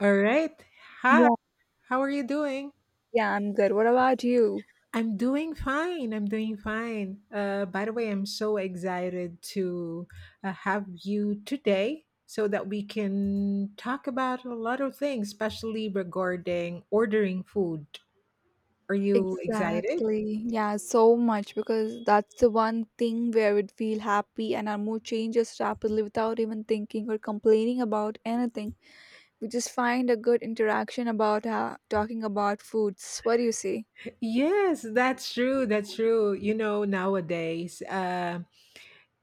All right. Hi. Yeah, How are you doing? yeah, I'm good. What about you? I'm doing fine. I'm doing fine. By the way, I'm so excited to have you today so that we can talk about a lot of things, especially regarding ordering food. Are you excited? Exactly. Yeah, so much because that's the one thing where we'd feel happy and our mood changes rapidly without even thinking or complaining about anything. We just find a good interaction about talking about foods. What do you say? Yes, that's true. That's true. You know, nowadays,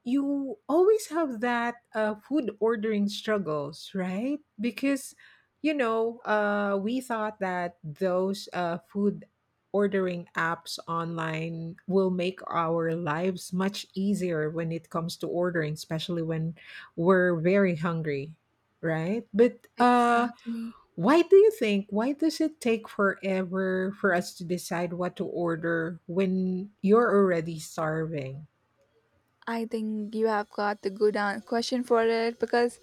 you always have that food ordering struggles, right? Because we thought that those food ordering apps online will make our lives much easier when it comes to ordering, especially when we're very hungry, right? But Exactly. why do you think, why does it take forever for us to decide what to order when you're already starving? I think you have got the good question for it because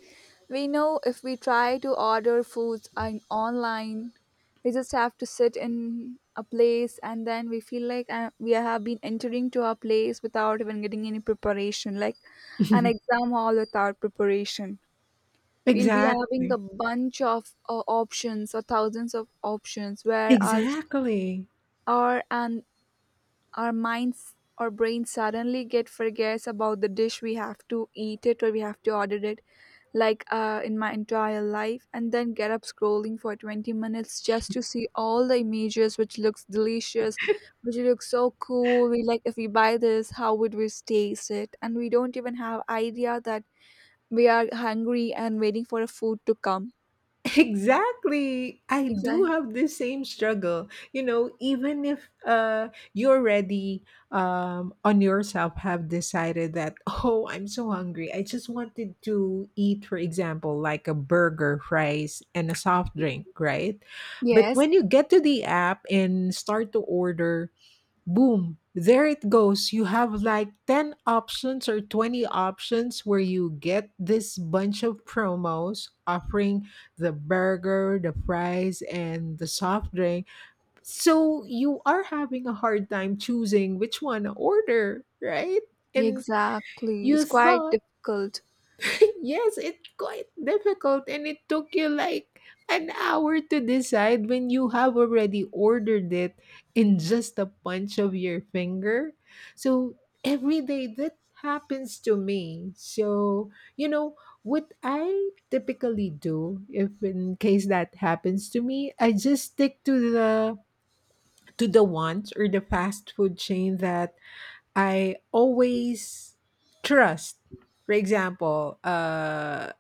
we know if we try to order online, we just have to sit in a place and then we feel like we have been entering to our place without even getting any preparation, like an exam hall without preparation. We'll be having a Exactly. bunch of options or thousands of options where Exactly. our and our minds our brain suddenly get forgets about the dish we have to eat it or we have to order it like in my entire life and then get up scrolling for 20 minutes just to see all the images which looks delicious, which looks so cool. We like, if we buy this, how would we taste it? And we don't even have idea that we are hungry and waiting for a food to come. Exactly. I do Exactly. have the same struggle. You know, even if you already on yourself have decided that oh, I'm so hungry. I just wanted to eat, for example, like a burger, fries and a soft drink, right? But Yes. when you get to the app and start to order, boom, there it goes. You have like 10 options or 20 options where you get this bunch of promos offering the burger, the fries, and the soft drink. So you are having a hard time choosing which one to order, right? And Exactly, you it's quite thought… difficult. Yes, it's quite difficult and it took you like an hour to decide when you have already ordered it in just a punch of your finger. So every day that happens to me. So, you know, what I typically do if in case that happens to me, I just stick to the ones or the fast food chain that I always trust. For example,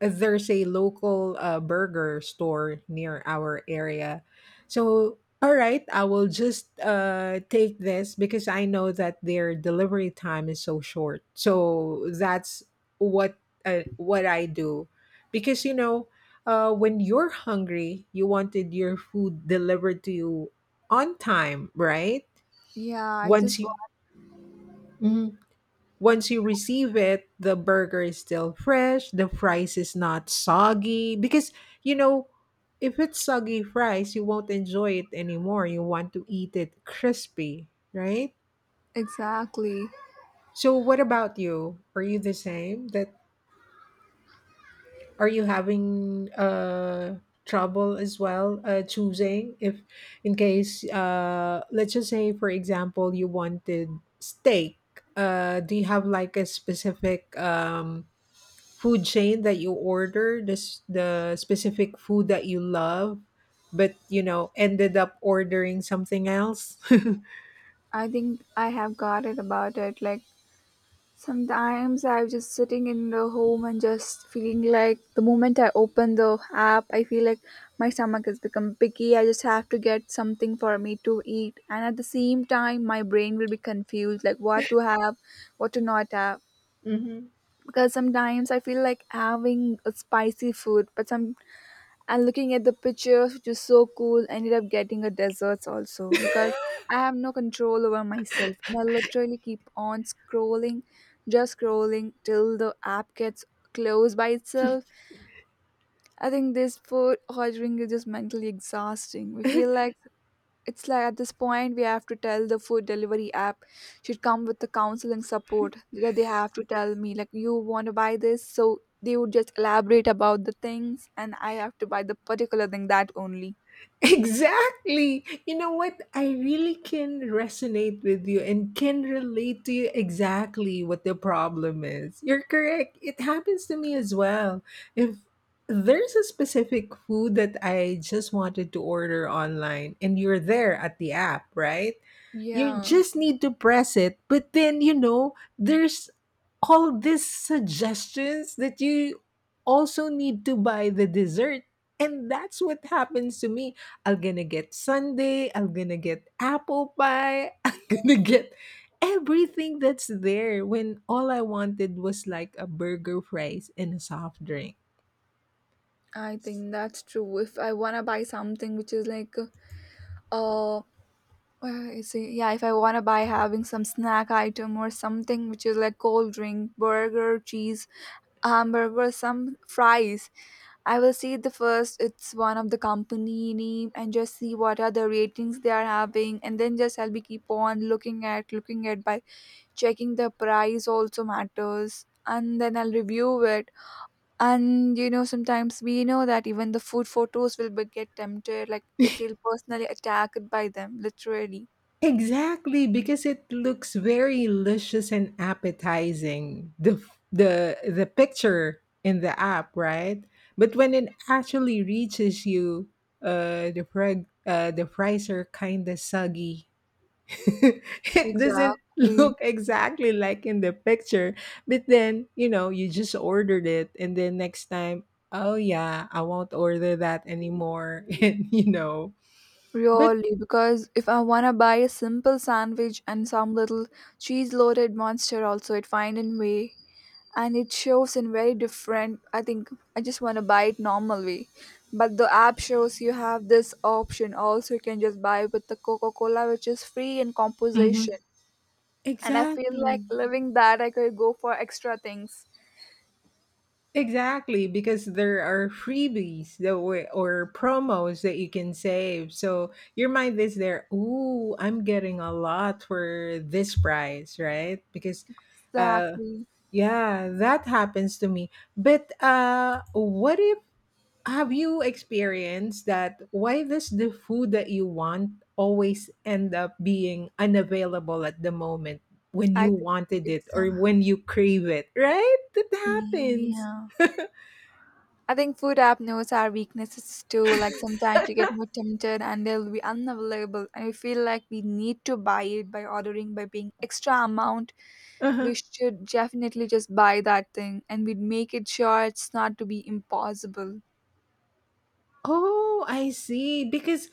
there's a local burger store near our area. So, all right, I will just take this because I know that their delivery time is so short. So that's what what I do, because, you know, when you're hungry, you wanted your food delivered to you on time, right? Yeah, I Once just you want. Mhm. Once you receive it, the burger is still fresh, the fries is not soggy. Because, you know, if it's soggy fries, you won't enjoy it anymore. You want to eat it crispy, right? Exactly, So, what about you? Are you the same? That are you having trouble as well, choosing if in case, let's just say, for example, you wanted steak, do you have like a specific food chain that you order this, the specific food that you love, but you know ended up ordering something else? I think I have got it about it. Like sometimes I'm just sitting in the home and just feeling like the moment I open the app, I feel like my stomach has become picky. I just have to get something for me to eat, and at the same time, my brain will be confused, like what to have, what to not have. Hmm. Because sometimes I feel like having a spicy food, but some and looking at the pictures, which is so cool, I ended up getting a desserts also because I have no control over myself. And I literally keep on scrolling, just scrolling till the app gets closed by itself. I think this food ordering is just mentally exhausting. We feel like it's like at this point we have to tell the food delivery app should come with the counseling support that they have to tell me like you want to buy this, so they would just elaborate about the things and I have to buy the particular thing that only. Exactly. You know what? I really can resonate with you and can relate to you exactly what the problem is. You're correct. It happens to me as well. If there's a specific food that I just wanted to order online and you're there at the app, right? You Yeah, just need to press it. But then, you know, there's all these suggestions that you also need to buy the dessert. And that's what happens to me. I'm gonna get Sunday. I'm gonna get apple pie, I'm gonna get everything that's there when all I wanted was like a burger, fries, and a soft drink. I think that's true. If I wanna buy something which is like uh, I see. Yeah, if I want to buy having some snack item or something which is like cold drink, burger, cheese, hamburger, some fries, I will see the first it's one of the company name and just see what are the ratings they are having, and then just I'll be keep on looking at by checking the price also matters, and then I'll review it. And you know, sometimes we know that even the food photos will be get tempted, like we feel personally attacked by them literally. Exactly, because it looks very luscious and appetizing. The the picture in the app, right? But when it actually reaches you, the fries are kind of soggy. It doesn't Exactly. look exactly like in the picture, but then, you know, you just ordered it and then next time, oh yeah, I won't order that anymore. And you know, but… Really, because if I wanna buy a simple sandwich and some little cheese loaded monster, also it find in way and it shows in very different. I think I just wanna buy it normal way. But the app shows you have this option also, you can just buy with the Coca-Cola which is free in Hmm. composition. And I feel like Exactly. living that I could go for extra things. Exactly, because there are freebies that we, or promos that you can save. So your mind is there, ooh, I'm getting a lot for this price, right? Because uh, Exactly. Yeah, that happens to me. But what if, have you experienced that why does the food that you want always end up being unavailable at the moment when I you think wanted it's it or when you crave it, right? That happens. yeah. I think food app knows our weaknesses too. Like sometimes we get more tempted and they'll be unavailable, and we feel like we need to buy it by ordering by paying extra amount. Uh-huh. We should definitely just buy that thing, and we'd make it sure it's not to be impossible. Oh, I see. Because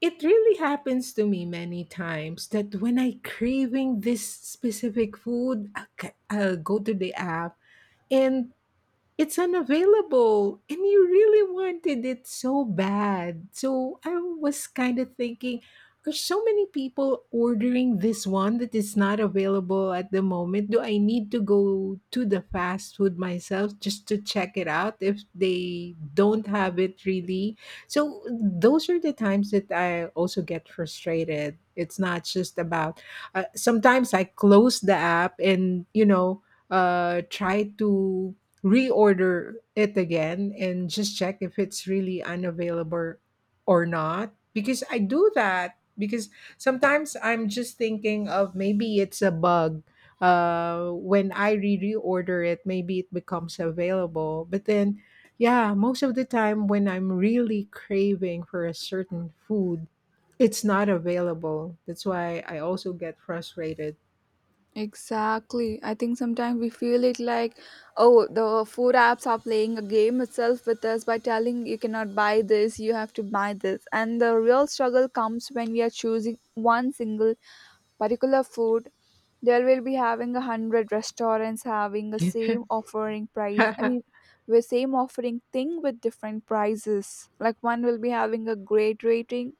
it really happens to me many times that when I craving this specific food, I'll go to the app and it's unavailable and you really wanted it so bad. So I was kind of thinking, are so many people ordering this one that is not available at the moment? Do I need to go to the fast food myself just to check it out if they don't have it really? So those are the times that I also get frustrated. It's not just about, sometimes I close the app and, you know, try to reorder it again and just check if it's really unavailable or not, because I do that because sometimes I'm just thinking of, maybe it's a bug. When I re reorder it, maybe it becomes available. But then, yeah, most of the time when I'm really craving for a certain food, it's not available. That's why I also get frustrated. Exactly. I think sometimes we feel it like, oh, the food apps are playing a game itself with us by telling you cannot buy this, you have to buy this. And the real struggle comes when we are choosing one single particular food. There will be having a hundred restaurants having the same offering price. I mean, the same offering thing with different prices. Like one will be having a great rating,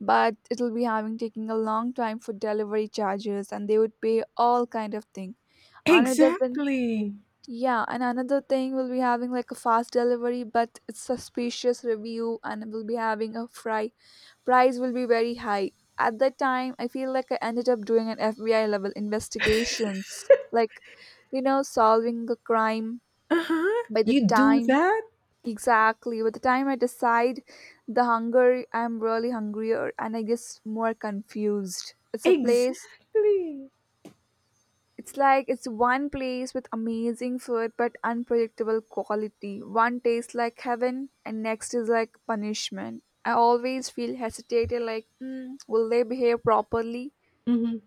but it'll be having taking a long time for delivery charges, and they would pay all kind of thing. Another one, Exactly. yeah, and another thing, we'll be having like a fast delivery, but it's suspicious review, and we'll be having a fry. Price will be very high. At that time, I feel like I ended up doing an FBI level investigations, like, you know, solving a crime. Uh-huh, By the you do time, that. exactly, by the time I decide the hunger, I'm really hungrier, and I guess more confused. It's a place, Exactly. it's like it's one place with amazing food but unpredictable quality. One tastes like heaven and next is like punishment. I always feel hesitated like, mm, will they behave properly? Mhm.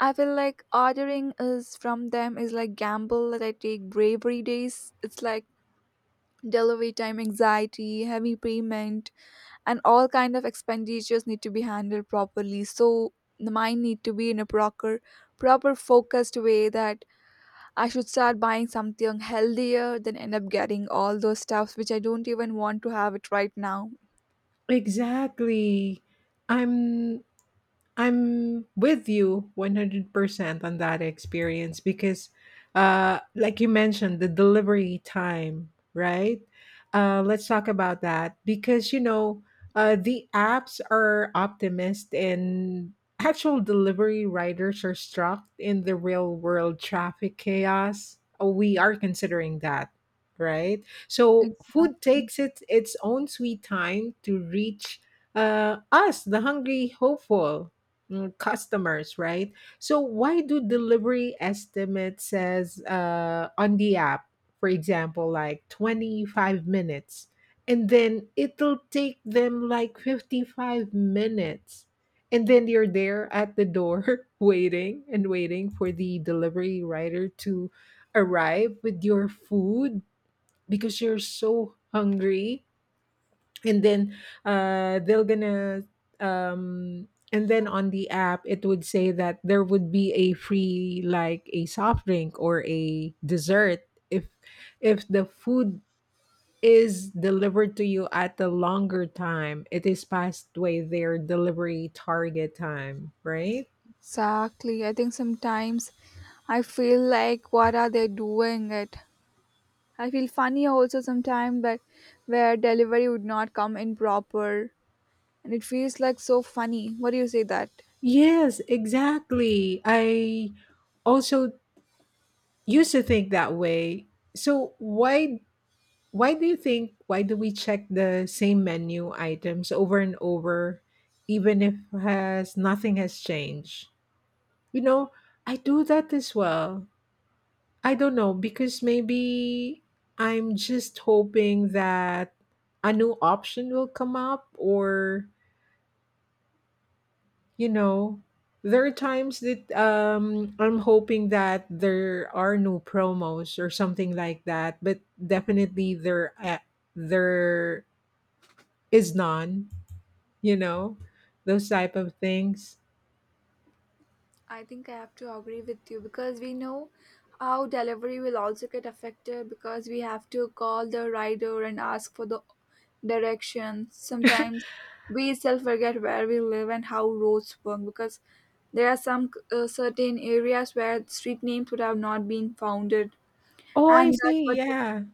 I feel like ordering is from them is like gamble that I take bravery days. It's like delivery time anxiety, heavy payment, and all kind of expenditures need to be handled properly. So the mind need to be in a proper focused way that I should start buying something healthier than end up getting all those stuffs which I don't even want to have it right now. Exactly. I'm I'm with you 100% on that experience because, like you mentioned, the delivery time, right? Let's talk about that because, you know, the apps are optimist and actual delivery riders are struck in the real world traffic chaos. We are considering that, right? So food Exactly. takes its own sweet time to reach us, the hungry hopeful, customers, right? So why do delivery estimate says, on the app, for example, like 25 minutes, and then it'll take them like 55 minutes. And then you're there at the door waiting and waiting for the delivery rider to arrive with your food because you're so hungry, and then they're gonna and then on the app it would say that there would be a free like a soft drink or a dessert if the food is delivered to you at a longer time, it is past way their delivery target time, right? Exactly. I think sometimes I feel like what are they doing it? I feel funny also sometimes that where delivery would not come in proper, and it feels like so funny. What do you say that? Yes, exactly, I also used to think that way. So why do you think, why do we check the same menu items over and over, even if has nothing has changed? You know, I do that as well. I don't know, because maybe I'm just hoping that a new option will come up, or, you know, there are times that, I'm hoping that there are new promos or something like that, but definitely there is none. You know, those type of things. I think I have to agree with you because we know how delivery will also get affected because we have to call the rider and ask for the directions. Sometimes we itself forget where we live and how roads work because there are some certain areas where street names would have not been founded, Oh, I and see, that yeah.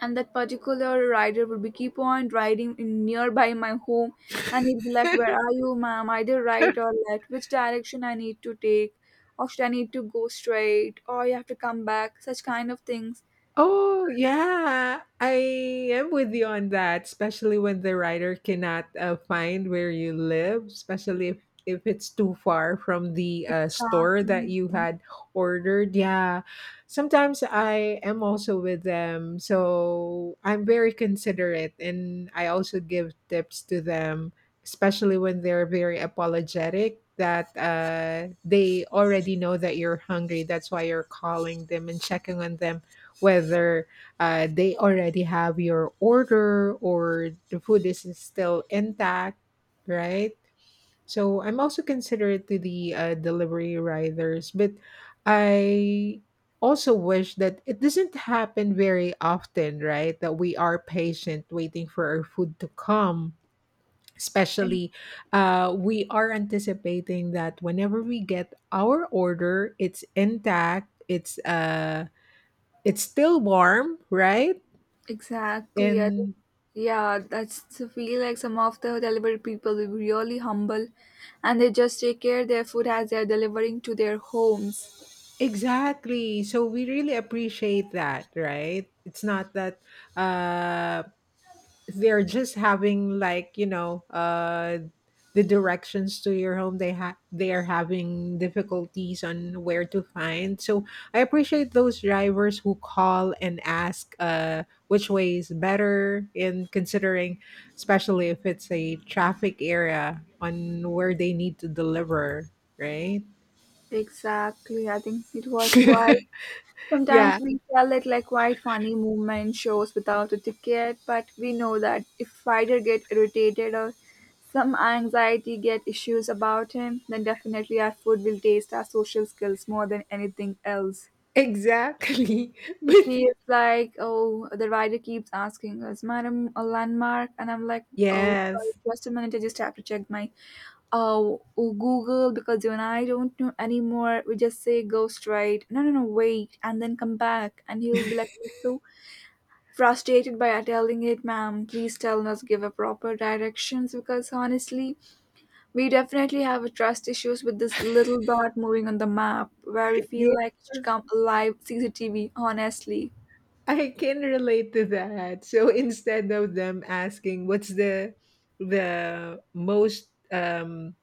and that particular rider would be keep on riding in nearby my home, and he'd be like, where are you, ma'am? Either right or left, which direction I need to take, or should I need to go straight, or you have to come back, such kind of things. Oh, yeah. I am with you on that, especially when the rider cannot find where you live, especially if it's too far from the store Exactly. that you had ordered. Yeah. Sometimes I am also with them. So I'm very considerate and I also give tips to them, especially when they're very apologetic. That they already know that you're hungry. That's why you're calling them and checking on them whether they already have your order or the food is still intact, right? So I'm also considerate to the delivery riders, but I also wish that it doesn't happen very often, right? That we are patient waiting for our food to come. Ex- Especially, we are anticipating that whenever we get our order, it's intact, it's still warm, right? exactly, And yeah, that's, I feel like some of the delivery people will be really humble, and they just take care their food as they're delivering to their homes. exactly. So we really appreciate that, right? It's not that uh they're just having, like, you know, the directions to your home, they are having difficulties on where to find. So I appreciate those drivers who call and ask which way is better in considering, especially if it's a traffic area on where they need to deliver, right? Exactly, I think it was quite. Yeah, Sometimes we sell it like quite funny movement shows without a ticket, but we know that if rider get irritated or some anxiety get issues about him, then definitely our food will taste our social skills more than anything else. exactly. It But feels like, oh, the rider keeps asking us, madam, a landmark, and I'm like, oh sorry, yes, just a minute, I just have to check my, Oh, Google, because you and I don't know anymore. We just say go straight. No, no, no, wait, and then come back. And he'll be like so frustrated by telling it, ma'am, please tell us, give a proper directions, because honestly, we definitely have a trust issues with this little dot moving on the map where we feel yes, like it should come alive, CCTV. Honestly, I can relate to that. So instead of them asking what's the most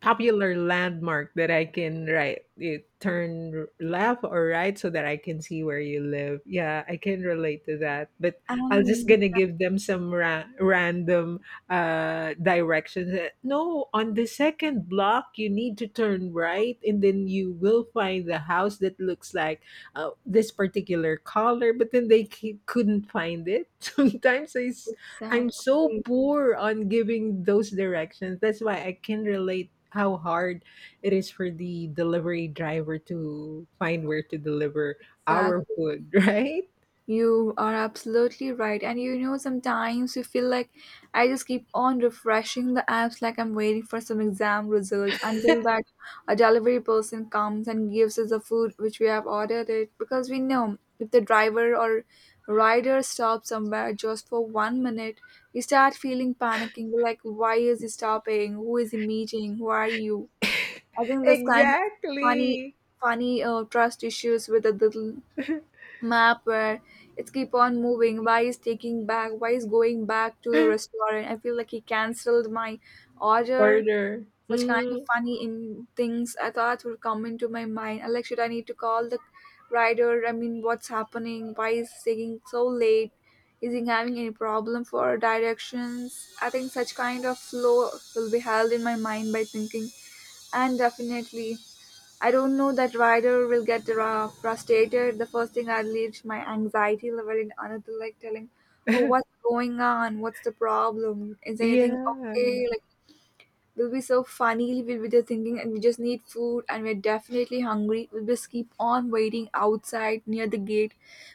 popular landmark that I can right, you turn left or right so that I can see where you live. Yeah, I can relate to that. But I'm just and gonna give them some random directions. That, no, on the second block you need to turn right and then you will find the house that looks like, this particular color, but then they couldn't find it. I'm so exactly, poor on giving those directions. That's why I can relate how hard it is for the delivery driver to find where to deliver our exactly. food, right? You are absolutely right. And you know, sometimes you feel like I just keep on refreshing the apps like I'm waiting for some exam result until that a delivery person comes and gives us the food which we have ordered it, because we know if the driver or rider stops somewhere just for 1 minute, you start feeling panicking like, why is he stopping? Who is he meeting? Who are you? I think this kind of funny Exactly. funny trust issues with the little map where it's keep on moving, why is taking back, why is going back to the restaurant? I feel like he cancelled my order, Order. such kind of Mhm. funny in things I thought would come into my mind. I like, should I need to call the rider? I mean, what's happening? Why is it taking so late? Is he having any problem for directions? I think such kind of flow will be held in my mind by thinking, and definitely I don't know that rider will get frustrated. The first thing I reach my anxiety level in another, like, telling, oh, what's going on? What's the problem? Is anything Yeah. okay? We'll be so funny, we'll be there thinking, and we just need food, and we're definitely hungry. We'll just keep on waiting outside near the gate,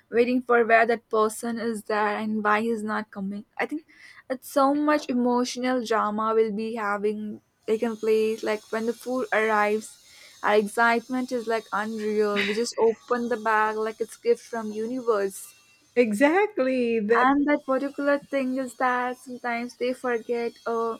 waiting for where that person is there and why he's not coming. I think it's so much emotional drama we'll be having taken place. Like when the food arrives, our excitement is like unreal. We just open the bag like it's gift from universe. Exactly. That And that particular thing is that sometimes they forget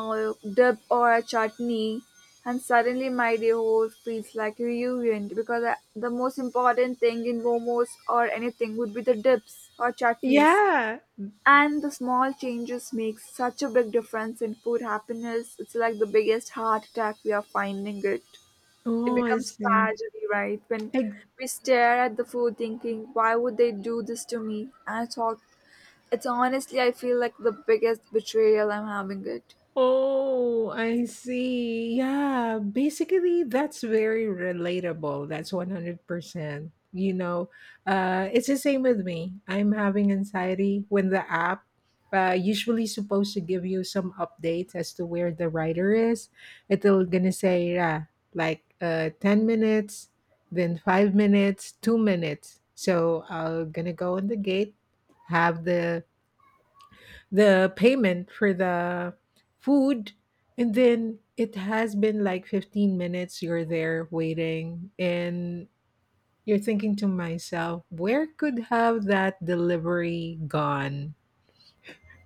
or dip or a chutney, and suddenly my day whole feels like reunion because the most important thing in momos or anything would be the dips or chutneys. yeah. And the small changes make such a big difference in food happiness. It's like the biggest heart attack we are finding it. It Oh, I becomes see. tragedy, right? When Ex- we stare at the food thinking why would they do this to me, and I thought it's honestly, I feel like the biggest betrayal I'm having it. Oh, I see. Yeah, basically that's very relatable. That's 100%. You know, it's the same with me. I'm having anxiety when the app usually supposed to give you some updates as to where the rider is. It'll gonna say yeah, like 10 minutes, then 5 minutes, 2 minutes. So I'll gonna go in the gate, have the payment for the food. And then it has been like 15 minutes you're there waiting, and you're thinking to myself, where could have that delivery gone?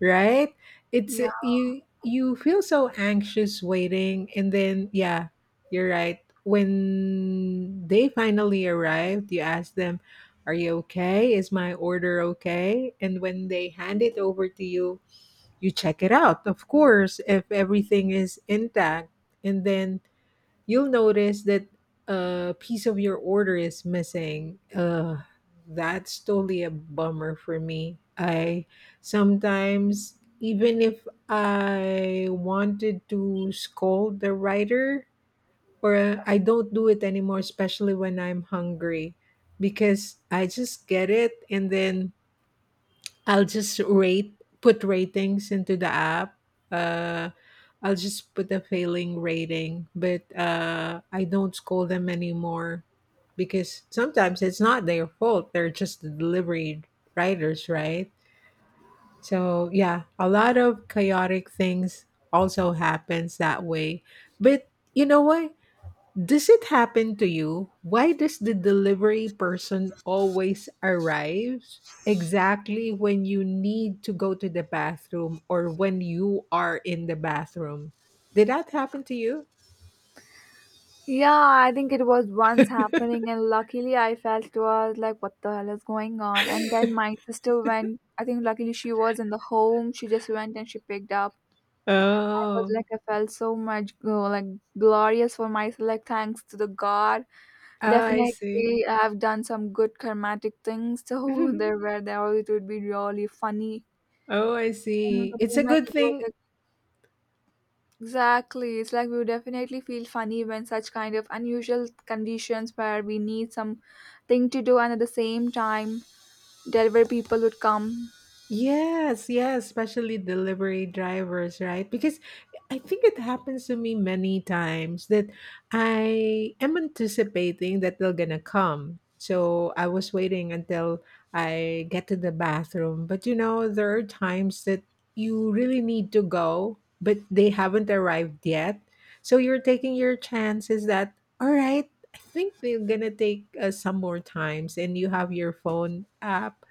Right. It's, Yeah. you feel so anxious waiting. And then, yeah, you're right, when they finally arrived, you ask them, are you okay, is my order okay? And when they hand it over to you, you check it out, of course, if everything is intact. And then you'll notice that a piece of your order is missing. That's totally a bummer for me. I sometimes, even if I wanted to scold the writer, or I don't do it anymore, especially when I'm hungry, because I just get it and then I'll just rate put ratings into the app. Uh, I'll just put a failing rating, but I don't scold them anymore because sometimes it's not their fault. They're just the delivery riders, right? So yeah, a lot of chaotic things also happens that way. But you know what? Does it happen to you? Why does the delivery person always arrive exactly when you need to go to the bathroom, or when you are in the bathroom? Did that happen to you? Yeah, I think it was once happening, and luckily I felt it was like, what the hell is going on? And then my sister went, I think luckily she was in the home, she just went and she picked up. I was Oh, like, I felt so much like glorious for myself, like, thanks to the God. oh, I see. Definitely, I've done some good karmatic things, so always it would be really funny. Oh, I In see. the It's a moment, good it was thing. like exactly. It's like we would definitely feel funny when such kind of unusual conditions where we need something to do, and at the same time delivery people would come. Yes, yes, especially delivery drivers, right? Because I think it happens to me many times that I am anticipating that they're gonna come. So I was waiting until I get to the bathroom. But you know, there are times that you really need to go, but they haven't arrived yet. So you're taking your chances that, all right, I think they're gonna take some more times, and you have your phone app.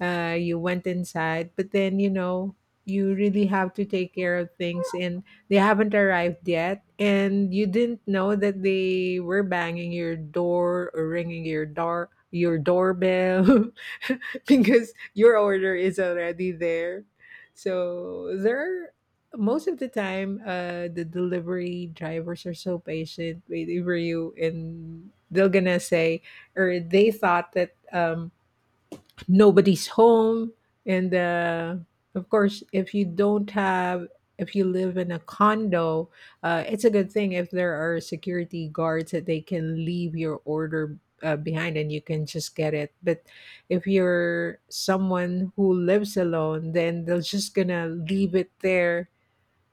You went inside, but then, you know, you really have to take care of things, and they haven't arrived yet, and you didn't know that they were banging your door, or ringing your doorbell, because your order is already there. So there are, most of the time, the delivery drivers are so patient waiting for you, and they're gonna say, or they thought that nobody's home. And of course, if you live in a condo, it's a good thing if there are security guards that they can leave your order behind, and you can just get it. But if you're someone who lives alone, then they're just gonna leave it there,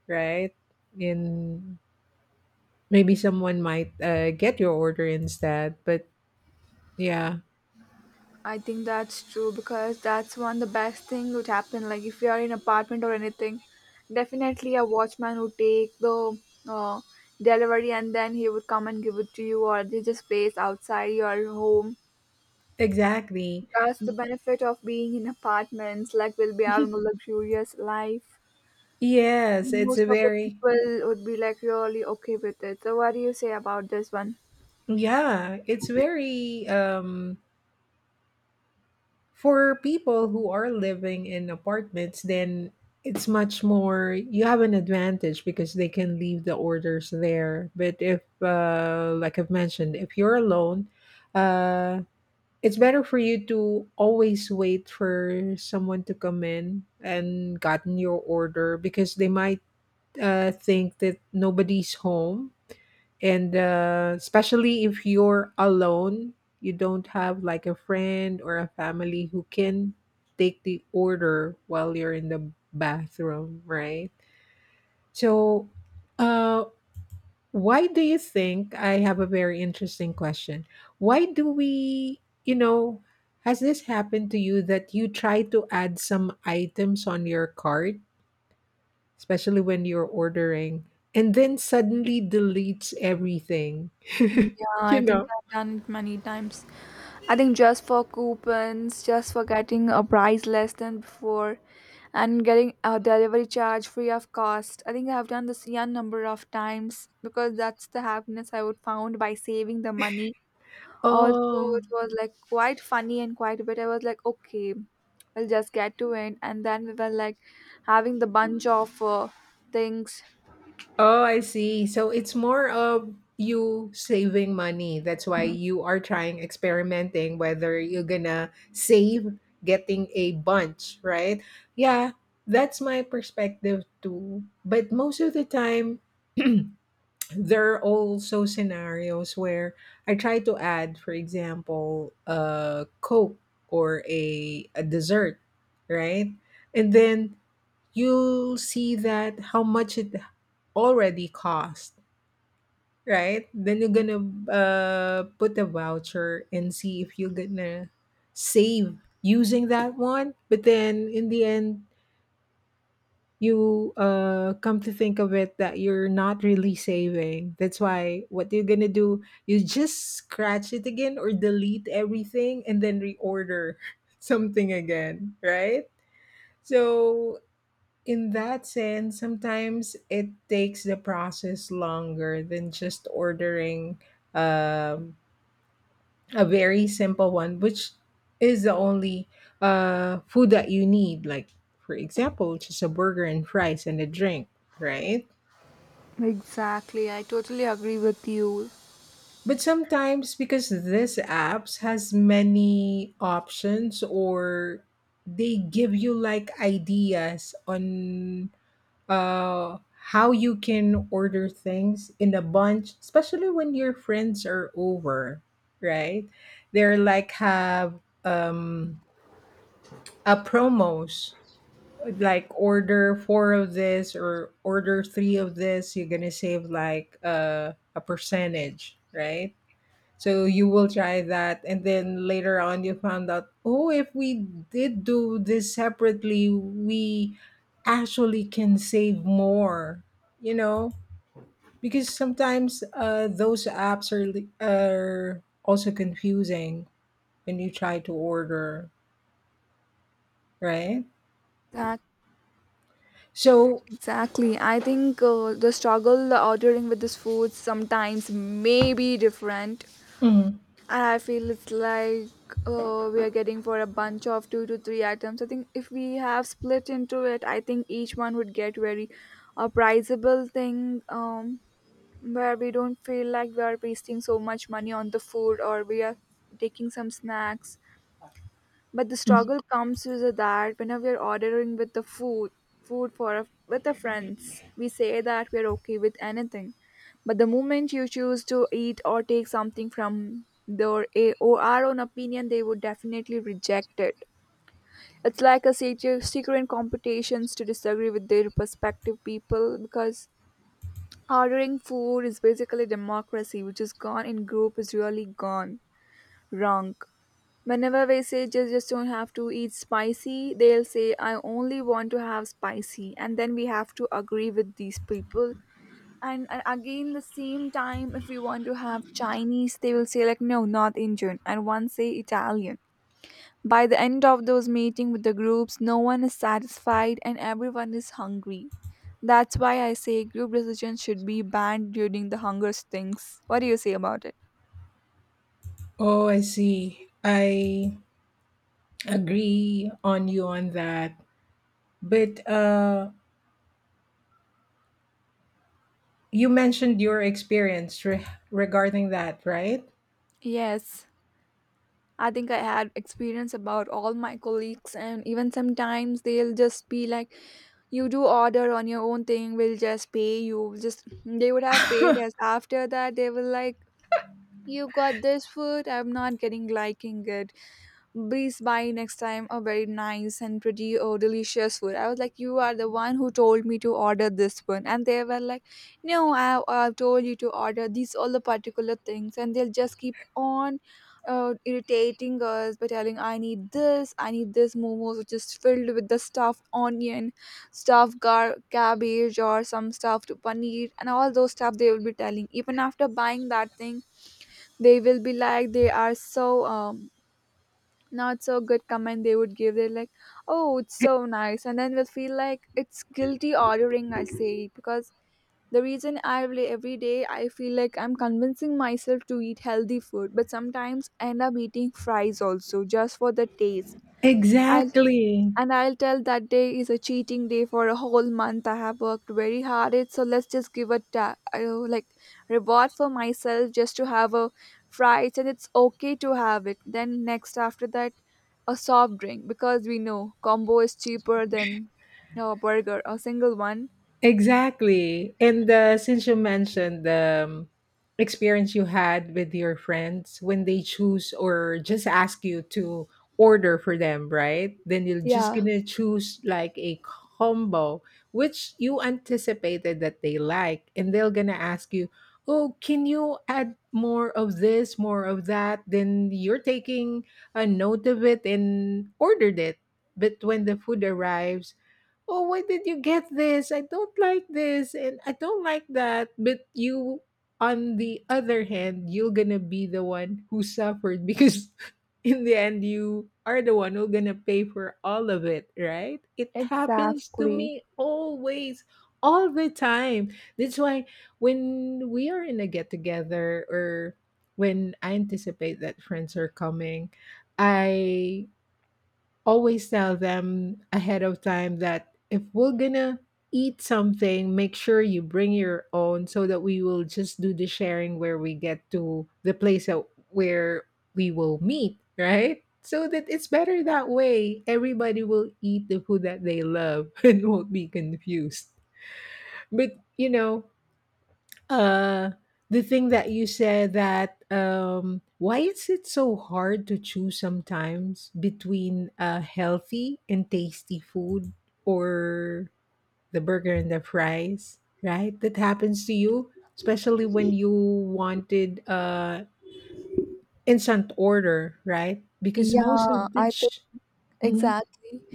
right? And maybe someone might get your order instead. But yeah, I think that's true because that's one the best thing would happen. Like if you are in apartment or anything, definitely a watchman would take the uh, delivery and then he would come and give it to you or they just place outside your home. exactly. That's the benefit of being in apartments, like we'll be having a luxurious life. Yes, it's Most a of the very... people would be like really okay with it. So what do you say about this one? Yeah, it's very, for people who are living in apartments, then it's much more, you have an advantage because they can leave the orders there. But if like I've mentioned, if you're alone, uh it's better for you to always wait for someone to come in and gotten your order, because they might think that nobody's home. And especially if you're alone, you don't have like a friend or a family who can take the order while you're in the bathroom, right? So, uh why do you think? I have a very interesting question. Why do we, has this happened to you that you try to add some items on your cart, especially when you're ordering, and then suddenly deletes everything? Yeah, you I think know I've done it many times. I think just for coupons, just for getting a price less than before, and getting a delivery charge free of cost. I think I have done this a number of times because that's the happiness I would found by saving the money. Also, Oh, it was like quite funny and quite a bit. I was like, okay, we'll just get to it. And then we were like having the bunch of things. oh, I see. So it's more of you saving money. That's why you are trying experimenting whether you're gonna save, getting a bunch, right? Yeah, that's my perspective too. But most of the time, there are also scenarios where I try to add, for example, a Coke, or a dessert, right? And then you'll see that how much it already cost. Right. Then you're gonna put a voucher and see if you're gonna save using that one. But then in the end, you come to think of it that you're not really saving. That's why, what you're gonna do, you just scratch it again or delete everything and then reorder something again, right? So in that sense, sometimes it takes the process longer than just ordering um, a very simple one, which is the only food that you need. Like, for example, just a burger and fries and a drink, right? Exactly. I totally agree with you. But sometimes, because this apps has many options, or they give you like ideas on how you can order things in a bunch, especially when your friends are over, right? They're like have, a promos, like order four of this or order three of this, you're gonna save like a percentage, right? So you will try that, and then later on you found out, oh, if we did do this separately, we actually can save more, you know, because sometimes those apps are are also confusing when you try to order, right? Exact, So, exactly. I think the struggle ordering with this food sometimes may be different. mm, And I feel it's like we are getting for a bunch of two to three items. I think if we have split into it, I think each one would get very a priceable thing. Where we don't feel like we are wasting so much money on the food or we are taking some snacks. But the mm. struggle comes with that whenever we're ordering with the food, food with the friends, we say that we're okay with anything. But the moment you choose to eat or take something from their a- or our own opinion, they would definitely reject it. It's like a secret competitions to disagree with their perspective people because ordering food is basically democracy, which is gone in group is really gone wrong. Whenever we say just don't have to eat spicy, they'll say I only want to have spicy, and then we have to agree with these people. And again, the same time, if we want to have Chinese, they will say like no, not Indian, and one say Italian. By the end of those meetings with the groups, no one is satisfied and everyone is hungry. That's why I say group decisions should be banned during the hunger stings. What do you say about it? Oh, I see. I agree on you on that, but you mentioned your experience, regarding that, right? Yes, I think I had experience about all my colleagues, and even sometimes they'll just be like, "You do order on your own thing. We'll just pay you." Just they would have paid us. After that, they were like, "You got this food. I'm not getting liking it." Breeze by next time a very nice and pretty or delicious food, I was like you are the one who told me to order this one, and they were like no I, I told you to order these all the particular things, and they'll just keep on irritating us by telling I need this momos which is filled with the stuffed onion, cabbage or some stuffed paneer and all those stuff they will be telling. Even after buying that thing they will be like they are so not so good comment they would give. They're like, oh, it's so nice. And then we'll feel like it's guilty ordering, I say, it because the reason I really every day I feel like I'm convincing myself to eat healthy food, but sometimes I end up eating fries also just for the taste. I Exactly. and I'll tell that day is a cheating day for a whole month. I have worked very hard. It so let's just give a like reward for myself just to have a fries, and it's okay to have it. Then next after that, a soft drink because we know combo is cheaper than a burger, a single one. Exactly. And since you mentioned the experience you had with your friends when they choose or just ask you to order for them, right? Then you're just Yeah, going to choose like a combo, which you anticipated that they like, and they're going to ask you, "Oh, can you add more of this, more of that?" Then you're taking a note of it and ordered it. But when the food arrives, oh, why did you get this, I don't like this, and I don't like that. But you, on the other hand, you're gonna be the one who suffered, because in the end, you are the one who's gonna pay for all of it, right? It happens to exactly. me always, all the time. That's why, when we are in a get together, or when I anticipate that friends are coming, I always tell them ahead of time that, if we're gonna eat something, make sure you bring your own, so that we will just do the sharing where we get to the place where we will meet, right? So that it's better that way. Everybody will eat the food that they love and won't be confused. But, you know, uh the thing that you said, that why is it so hard to choose sometimes between healthy and tasty food, or the burger and the fries, right? That happens to you, especially when you wanted instant order, right? Because most Yeah, of the I think Mhm. exactly.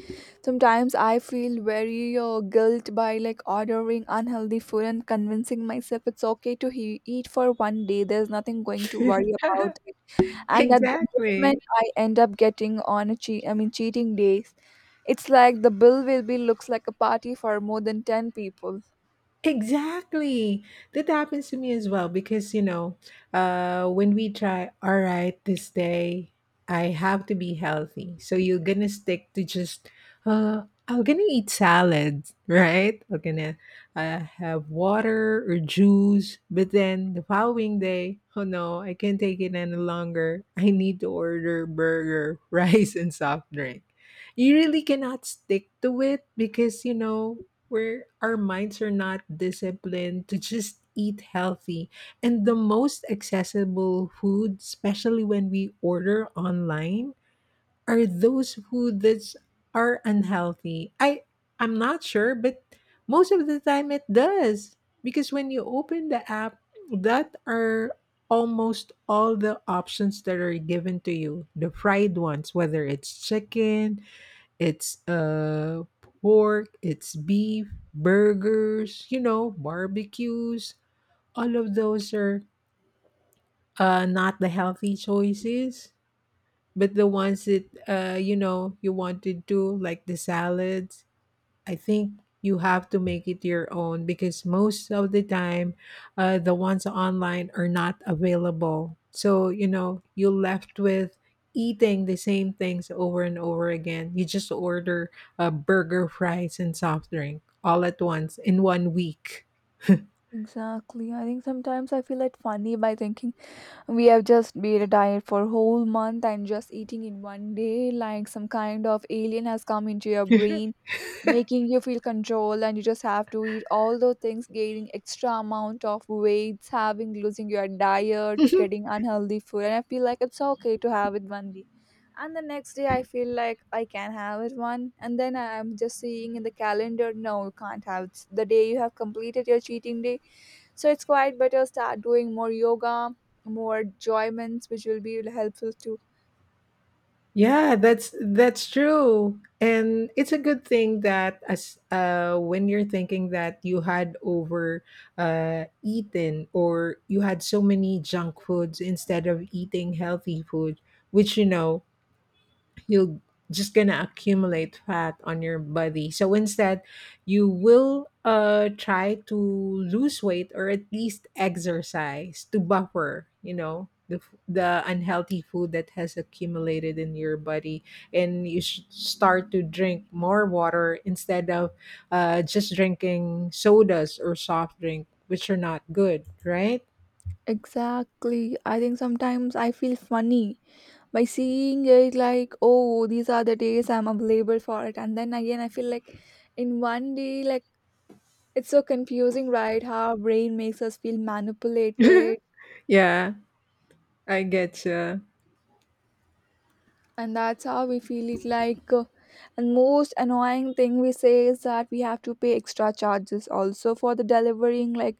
Sometimes I feel very guilt by like ordering unhealthy food and convincing myself it's okay to eat for one day. There's nothing going to worry about it. And at the Exactly. moment, I end up getting on a I mean cheating days. It's like the bill will be looks like a party for more than 10 people. Exactly. That happens to me as well because, you know, when we try, all right, this day I have to be healthy. So you're going to stick to just, I'm going to eat salad, right? I'm going to have water or juice. But then the following day, oh no, I can't take it any longer. I need to order burger, rice, and soft drink. You really cannot stick to it because, you know, where our minds are not disciplined to just eat healthy. And the most accessible food, especially when we order online, are those food that are unhealthy. I'm not sure, but most of the time it does, because when you open the app, that are almost all the options that are given to you. The fried ones, whether it's chicken, it's pork, it's beef, burgers, you know, barbecues. All of those are not the healthy choices, but the ones that you know you wanted to, like the salads, I think you have to make it your own, because most of the time, the ones online are not available. So, you know, you're left with eating the same things over and over again. You just order a burger, fries, and soft drink all at once in one week. Exactly. I think sometimes I feel like funny by thinking we have just made a diet for whole month and just eating in one day, like some kind of alien has come into your brain making you feel control, and you just have to eat all those things gaining extra amount of weights, having losing your diet, getting unhealthy food. And I feel like it's okay to have it one day, and the next day I feel like I can have it one, and then I'm just seeing in the calendar no you can't have it the day you have completed your cheating day. So it's quite better start doing more yoga, more enjoyments, which will be helpful too. Yeah, that's true. And it's a good thing that as when you're thinking that you had over eaten, or you had so many junk foods instead of eating healthy food, which you know you're just gonna accumulate fat on your body. So instead, you will try to lose weight or at least exercise to buffer, you know, the unhealthy food that has accumulated in your body, and you should start to drink more water instead of just drinking sodas or soft drink, which are not good, right? Exactly. I think sometimes I feel funny by seeing it like, oh, these are the days I'm available for it. And then again, I feel like in one day, like it's so confusing, right? How our brain makes us feel manipulated. Yeah, I get you. And that's how we feel it like. And most annoying thing we say is that we have to pay extra charges also for the delivering. Like,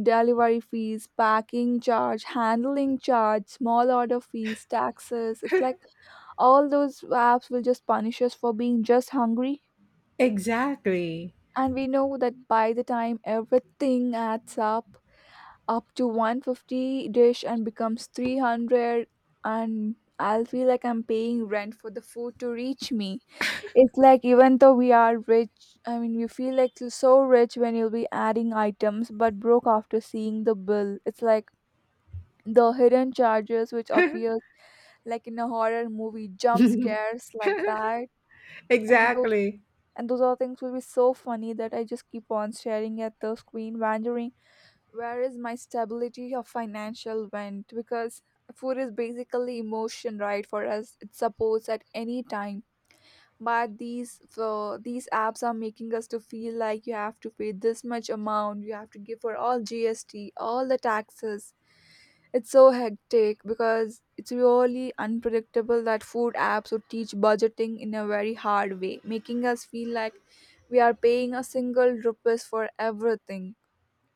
delivery fees, packing charge, handling charge, small order fees, taxes. It's like all those apps will just punish us for being just hungry. Exactly. And we know that by the time everything adds up, up to 150 dish and becomes 300, and I'll feel like I'm paying rent for the food to reach me. It's like even though we are rich, I mean, you feel like you're so rich when you'll be adding items, but broke after seeing the bill. It's like the hidden charges which appears like in a horror movie, jump scares like that. And those, Exactly. and those are things will be so funny that I just keep on staring at the screen, wondering where is my stability of financial went because food is basically emotion, right? For us, it supports at any time. But these apps are making us to feel like you have to pay this much amount, you have to give for all GST, all the taxes. It's so hectic because it's really unpredictable that food apps would teach budgeting in a very hard way, making us feel like we are paying a single rupees for everything.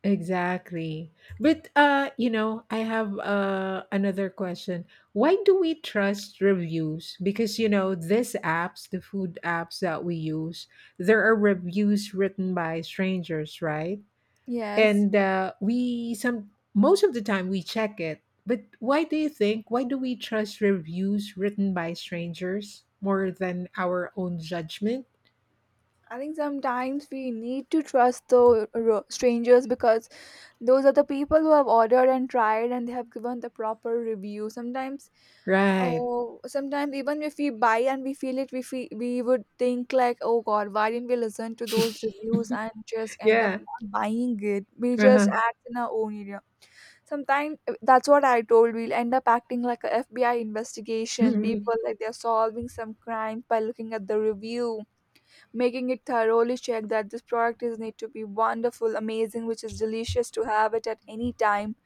Exactly. But you know, I have another question. Why do we trust reviews? Because, you know, these apps, the food apps that we use, there are reviews written by strangers, right? Yes. And we some most of the time we check it. But why do we trust reviews written by strangers more than our own judgment? I think sometimes we need to trust the strangers because those are the people who have ordered and tried, and they have given the proper review. Sometimes, Right. oh, sometimes even if we buy and we feel it, we would think like, oh God, why didn't we listen to those reviews and just end up Yeah. not buying it? We just Uh-huh. act in our own area. Sometimes eh, that's what I told. We'll end up acting like a FBI investigation. People like they're solving some crime by looking at the review, making it thoroughly check that this product is need to be wonderful, amazing, which is delicious to have it at any time.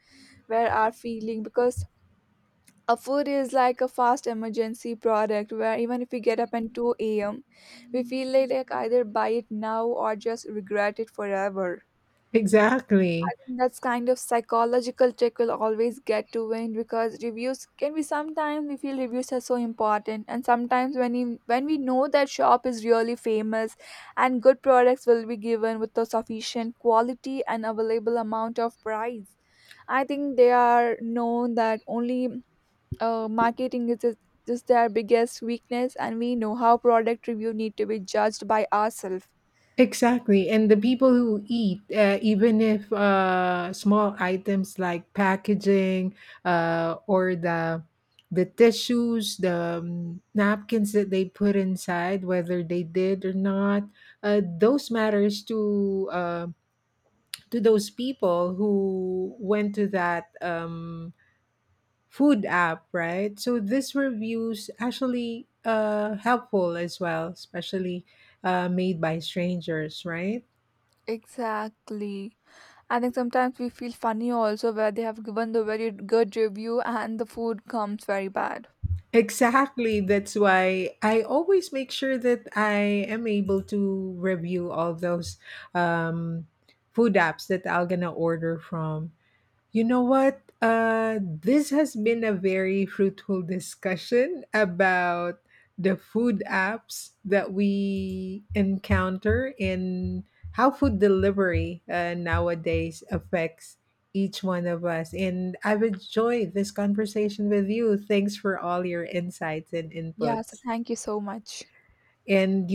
Where our feeling because a food is like a fast emergency product where even if we get up at 2 a.m., we feel like either buy it now or just regret it forever. I Exactly. think that's kind of psychological trick will always get to win because reviews can be sometimes we feel reviews are so important, and sometimes when we know that shop is really famous and good products will be given with the sufficient quality and available amount of price. I think they are known that only marketing is just their biggest weakness, and we know how product review need to be judged by ourselves. Exactly. And the people who eat, even if small items like packaging, or the tissues, the napkins that they put inside, whether they did or not, those matters to those people who went to that food app, right? So this reviews actually helpful as well, especially made by strangers, right? Exactly. I think sometimes we feel funny also where they have given the very good review and the food comes very bad. Exactly. That's why I always make sure that I am able to review all those um, food apps that I'm gonna order from. You know what? This has been a very fruitful discussion about the food apps that we encounter and how food delivery, nowadays affects each one of us. And I've enjoyed this conversation with you. Thanks for all your insights and Yeah, so inputs. thank you so much. And you